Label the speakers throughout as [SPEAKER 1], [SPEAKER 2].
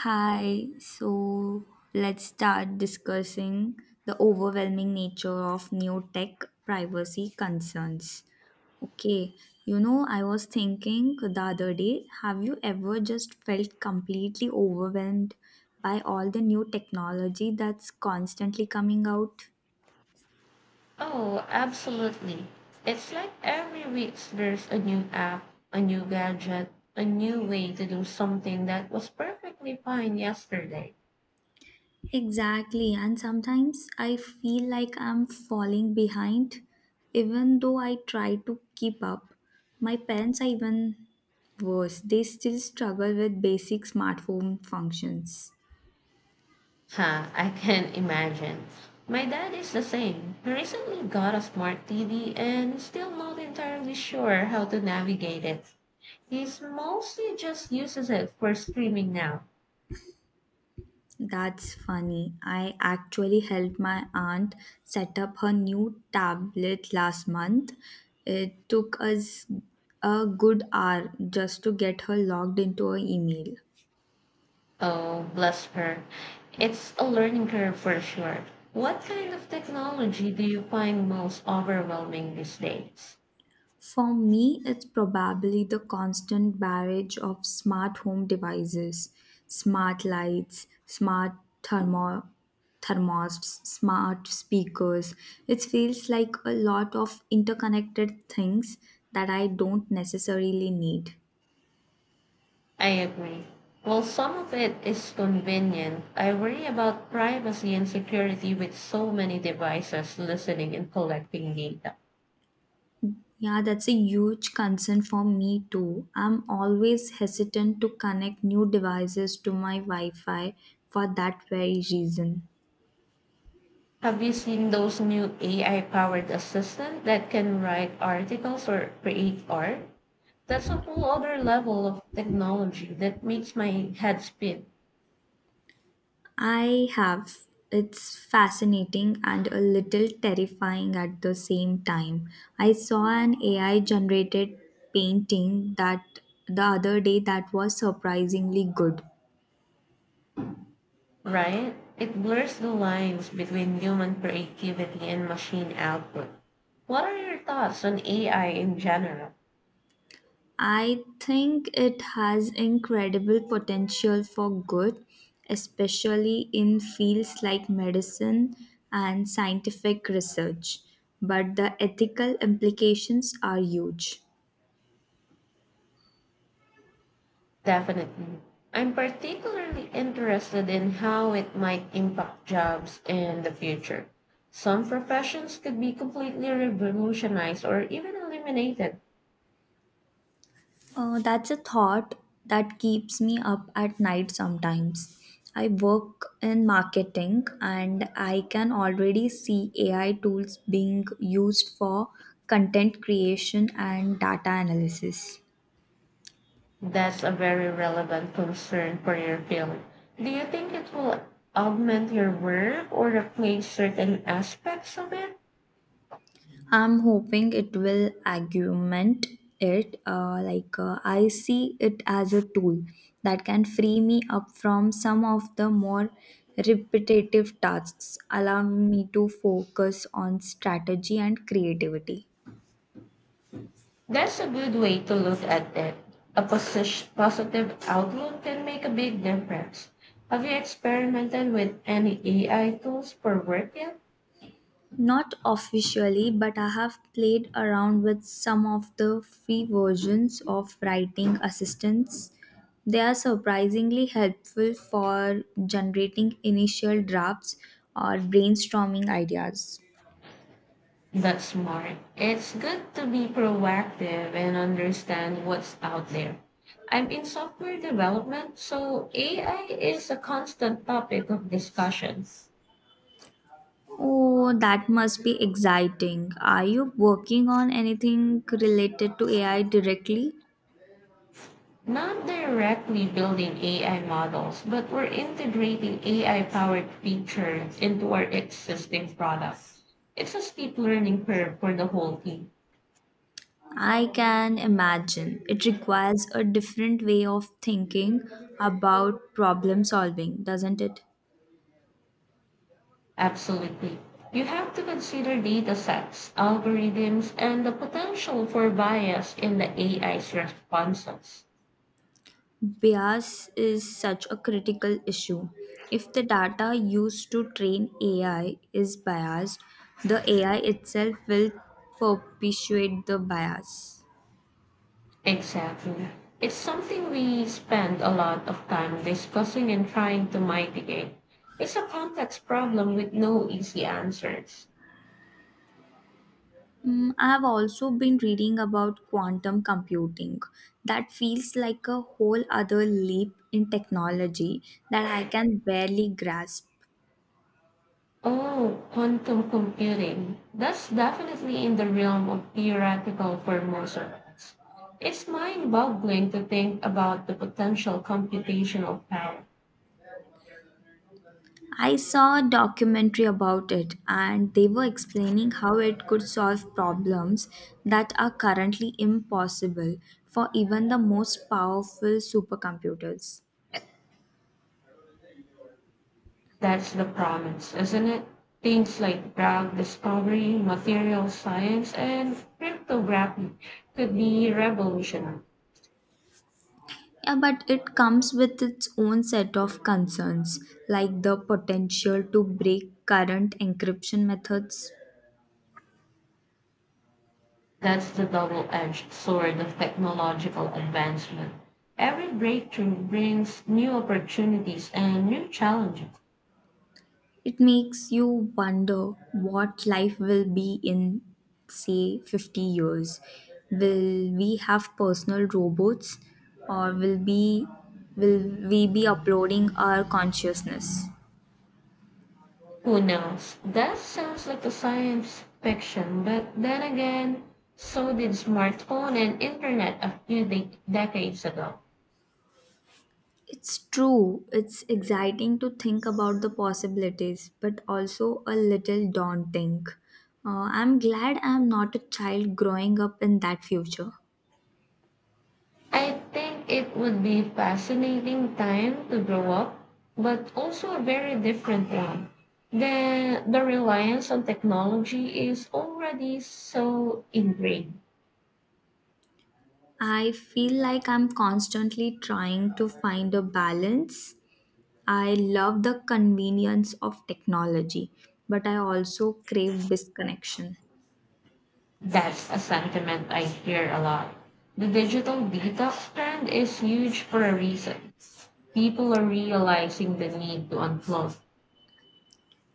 [SPEAKER 1] Hi, so let's start discussing the overwhelming nature of new tech privacy concerns. Okay, I was thinking the other day, have you ever just felt completely overwhelmed by all the new technology that's constantly coming out?
[SPEAKER 2] Oh, absolutely. It's like every week there's a new app, a new gadget, a new way to do something that was perfectly fine yesterday.
[SPEAKER 1] Exactly, and sometimes I feel like I'm falling behind even though I try to keep up. My parents are even worse, they still struggle with basic smartphone functions.
[SPEAKER 2] Ha, I can imagine. My dad is the same. He recently got a smart TV and is still not entirely sure how to navigate it. He mostly just uses it for streaming now.
[SPEAKER 1] That's funny. I actually helped my aunt set up her new tablet last month. It took us a good hour just to get her logged into her email.
[SPEAKER 2] Oh, bless her. It's a learning curve for sure. What kind of technology do you find most overwhelming these days?
[SPEAKER 1] For me, it's probably the constant barrage of smart home devices, smart lights, thermo- thermostats, smart speakers. It feels like a lot of interconnected things that I don't necessarily need.
[SPEAKER 2] I agree. While some of it is convenient, I worry about privacy and security with so many devices listening and collecting data.
[SPEAKER 1] Yeah, that's a huge concern for me too. I'm always hesitant to connect new devices to my Wi Fi for that very reason.
[SPEAKER 2] Have you seen those new AI powered assistants that can write articles or create art? That's a whole other level of technology that makes my head spin.
[SPEAKER 1] I have. It's fascinating and a little terrifying at the same time. I saw an AI generated painting that the other day that was surprisingly good.
[SPEAKER 2] Right? It blurs the lines between human creativity and machine output. What are your thoughts on AI in general?
[SPEAKER 1] I think it has incredible potential for good, especially in fields like medicine and scientific research, but the ethical implications are huge.
[SPEAKER 2] Definitely. I'm particularly interested in how it might impact jobs in the future. Some professions could be completely revolutionized or even eliminated.
[SPEAKER 1] That's a thought that keeps me up at night sometimes. I work in marketing and I can already see AI tools being used for content creation and data analysis.
[SPEAKER 2] That's a very relevant concern for your field. Do you think it will augment your work or replace certain aspects of it?
[SPEAKER 1] I'm hoping it will augment it. I see it as a tool that can free me up from some of the more repetitive tasks, allowing me to focus on strategy and creativity.
[SPEAKER 2] That's a good way to look at it. A positive outlook can make a big difference. Have you experimented with any AI tools for work yet?
[SPEAKER 1] Not officially, but I have played around with some of the free versions of writing assistants. They are surprisingly helpful for generating initial drafts or brainstorming ideas.
[SPEAKER 2] That's smart. It's good to be proactive and understand what's out there. I'm in software development, so AI is a constant topic of discussions.
[SPEAKER 1] Oh, that must be exciting. Are you working on anything related to AI directly?
[SPEAKER 2] Not directly building AI models, but we're integrating AI-powered features into our existing products. It's a steep learning curve for the whole team.
[SPEAKER 1] I can imagine. It requires a different way of thinking about problem solving, doesn't it?
[SPEAKER 2] Absolutely. You have to consider data sets, algorithms, and the potential for bias in the AI's responses.
[SPEAKER 1] Bias is such a critical issue. If the data used to train AI is biased, the AI itself will perpetuate the bias.
[SPEAKER 2] Exactly. It's something we spend a lot of time discussing and trying to mitigate. It's a complex problem with no easy answers.
[SPEAKER 1] Mm, I have also been reading about quantum computing. That feels like a whole other leap in technology that I can barely grasp.
[SPEAKER 2] Oh, quantum computing. That's definitely in the realm of theoretical for most of us. It's mind boggling to think about the potential computational power.
[SPEAKER 1] I saw a documentary about it and they were explaining how it could solve problems that are currently impossible for even the most powerful supercomputers.
[SPEAKER 2] That's the promise, isn't it? Things like drug discovery, material science, and cryptography could be revolutionary.
[SPEAKER 1] Yeah, but it comes with its own set of concerns, like the potential to break current encryption methods.
[SPEAKER 2] That's the double edged sword of technological advancement. Every breakthrough brings new opportunities and new challenges.
[SPEAKER 1] It makes you wonder what life will be in, say, 50 years. Will we have personal robots or will we be uploading our consciousness?
[SPEAKER 2] Who knows? That sounds like a science fiction, but then again, so did smartphone and internet a few decades ago.
[SPEAKER 1] It's true. It's exciting to think about the possibilities, but also a little daunting. I'm glad I'm not a child growing up in that future.
[SPEAKER 2] I think it would be fascinating time to grow up, but also a very different one. The reliance on technology is already so ingrained.
[SPEAKER 1] I feel like I'm constantly trying to find a balance. I love the convenience of technology, but I also crave disconnection.
[SPEAKER 2] That's a sentiment I hear a lot. The digital detox trend is huge for a reason. People are realizing the need to unplug.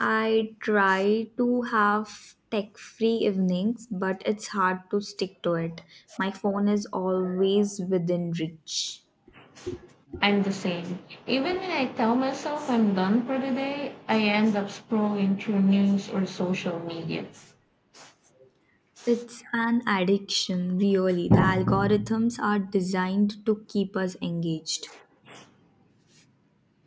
[SPEAKER 1] I try to have tech free evenings, but it's hard to stick to it. My phone is always within reach.
[SPEAKER 2] I'm the same. Even when I tell myself I'm done for the day, I end up scrolling through news or social media.
[SPEAKER 1] It's an addiction, really. The algorithms are designed to keep us engaged.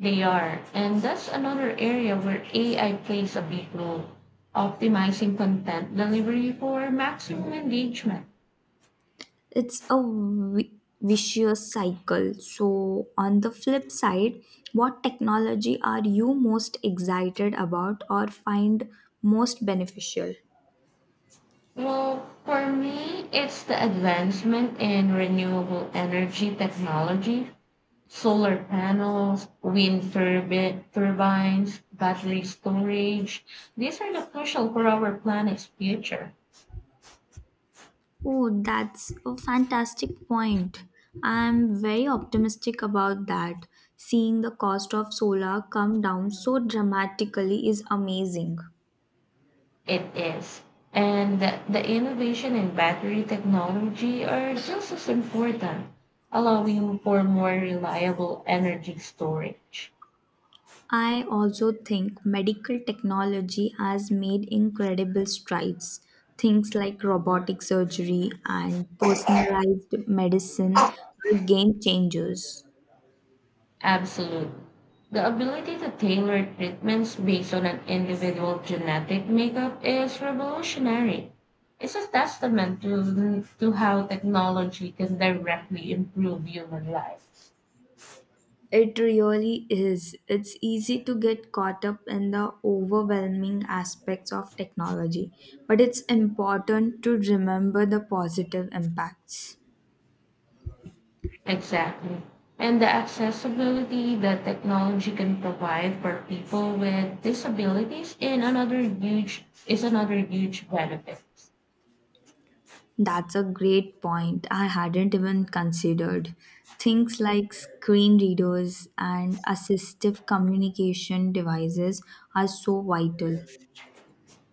[SPEAKER 2] They are, and that's another area where AI plays a big role, optimizing content delivery for maximum engagement.
[SPEAKER 1] it's a vi- Vicious cycle. So, on the flip side, what technology are you most excited about or find most beneficial?
[SPEAKER 2] Well, for me, it's the advancement in renewable energy technology, solar panels, wind turbines, battery storage. These are the crucial for our planet's future.
[SPEAKER 1] Oh, that's a fantastic point. I'm very optimistic about that. Seeing the cost of solar come down so dramatically is amazing.
[SPEAKER 2] It is. And the innovation in battery technology are just as important, allowing for more reliable energy storage.
[SPEAKER 1] I also think medical technology has made incredible strides. Things like robotic surgery and personalized medicine are game changers.
[SPEAKER 2] Absolute. The ability to tailor treatments based on an individual genetic makeup is revolutionary. It's a testament to how technology can directly improve human life.
[SPEAKER 1] It really is. It's easy to get caught up in the overwhelming aspects of technology, but it's important to remember the positive impacts.
[SPEAKER 2] Exactly. And the accessibility that technology can provide for people with disabilities in another huge is another huge benefit.
[SPEAKER 1] That's a great point. I hadn't even considered. Things like screen readers and assistive communication devices are so vital.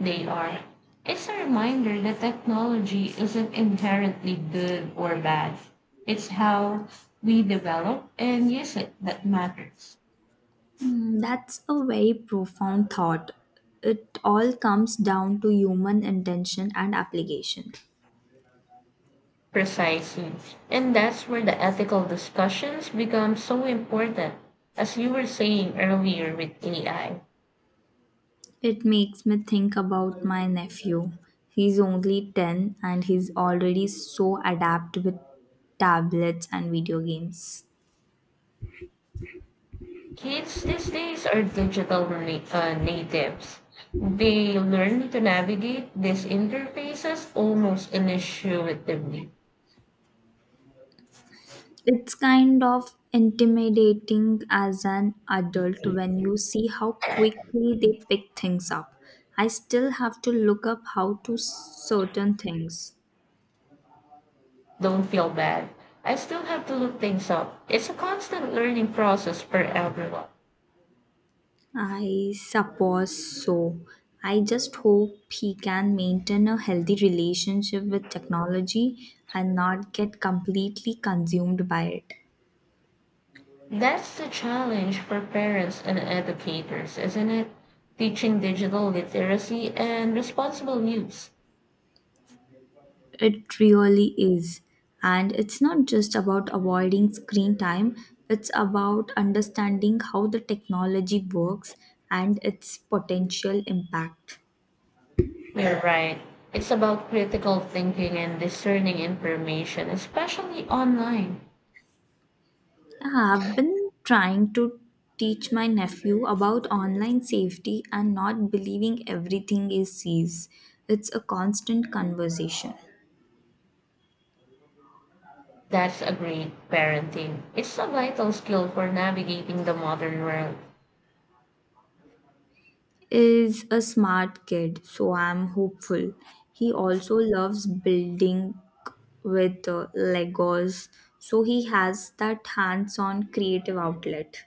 [SPEAKER 2] They are. It's a reminder that technology isn't inherently good or bad. It's how we develop and use it that matters.
[SPEAKER 1] Hmm, that's a very profound thought. It all comes down to human intention and application.
[SPEAKER 2] Precisely. And that's where the ethical discussions become so important, as you were saying earlier with AI.
[SPEAKER 1] It makes me think about my nephew. He's only 10 and he's already so adept with tablets and video games.
[SPEAKER 2] Kids these days are digital natives. They learn to navigate these interfaces almost intuitively.
[SPEAKER 1] It's kind of intimidating as an adult when you see how quickly they pick things up. I still have to look up how to certain things.
[SPEAKER 2] Don't feel bad. I still have to look things up. It's a constant learning process for everyone.
[SPEAKER 1] I suppose so. I just hope he can maintain a healthy relationship with technology and not get completely consumed by it.
[SPEAKER 2] That's the challenge for parents and educators, isn't it? Teaching digital literacy and responsible use.
[SPEAKER 1] It really is. And it's not just about avoiding screen time, it's about understanding how the technology works and its potential impact.
[SPEAKER 2] You're right. It's about critical thinking and discerning information, especially online.
[SPEAKER 1] I've been trying to teach my nephew about online safety and not believing everything he sees. It's a constant conversation.
[SPEAKER 2] That's a great parenting. It's a vital skill for navigating the modern world.
[SPEAKER 1] Is a smart kid, so I'm hopeful. He also loves building with Legos, so he has that hands on creative outlet.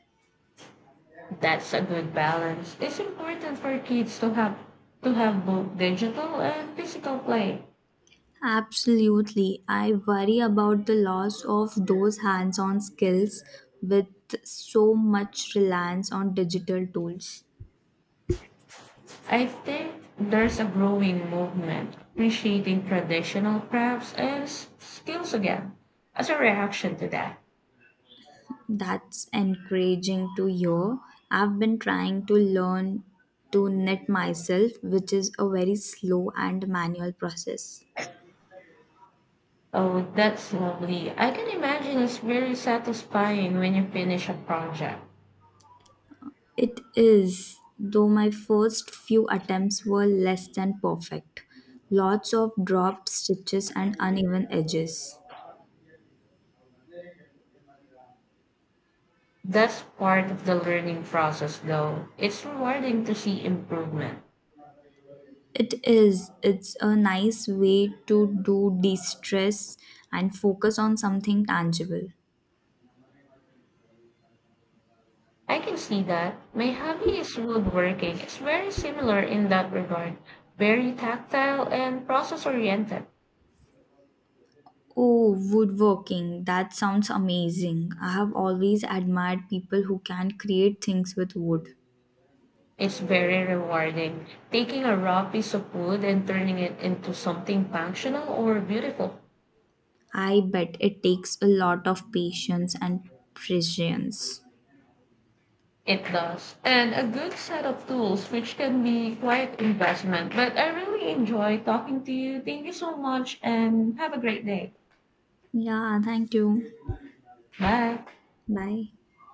[SPEAKER 2] That's a good balance. It's important for kids to have both digital and physical play.
[SPEAKER 1] Absolutely. I worry about the loss of those hands on skills with so much reliance on digital tools.
[SPEAKER 2] I think there's a growing movement appreciating traditional crafts and skills again as a reaction to that.
[SPEAKER 1] That's encouraging to hear. I've been trying to learn to knit myself, which is a very slow and manual process.
[SPEAKER 2] Oh, that's lovely. I can imagine it's very satisfying when you finish a project.
[SPEAKER 1] It is, though my first few attempts were less than perfect. Lots of dropped stitches and uneven edges.
[SPEAKER 2] That's part of the learning process, though. It's rewarding to see improvement.
[SPEAKER 1] It is, it's a nice way to do de stress and focus on something tangible.
[SPEAKER 2] I can see that. My hobby is woodworking. It's very similar in that regard, very tactile and process oriented.
[SPEAKER 1] Oh, woodworking. That sounds amazing. I have always admired people who can create things with wood.
[SPEAKER 2] It's very rewarding, taking a raw piece of wood and turning it into something functional or beautiful.
[SPEAKER 1] I bet it takes a lot of patience and precision.
[SPEAKER 2] It does. And a good set of tools, which can be quite investment. But I really enjoy talking to you. Thank you so much and have a great day.
[SPEAKER 1] Yeah, thank you.
[SPEAKER 2] Bye.
[SPEAKER 1] Bye.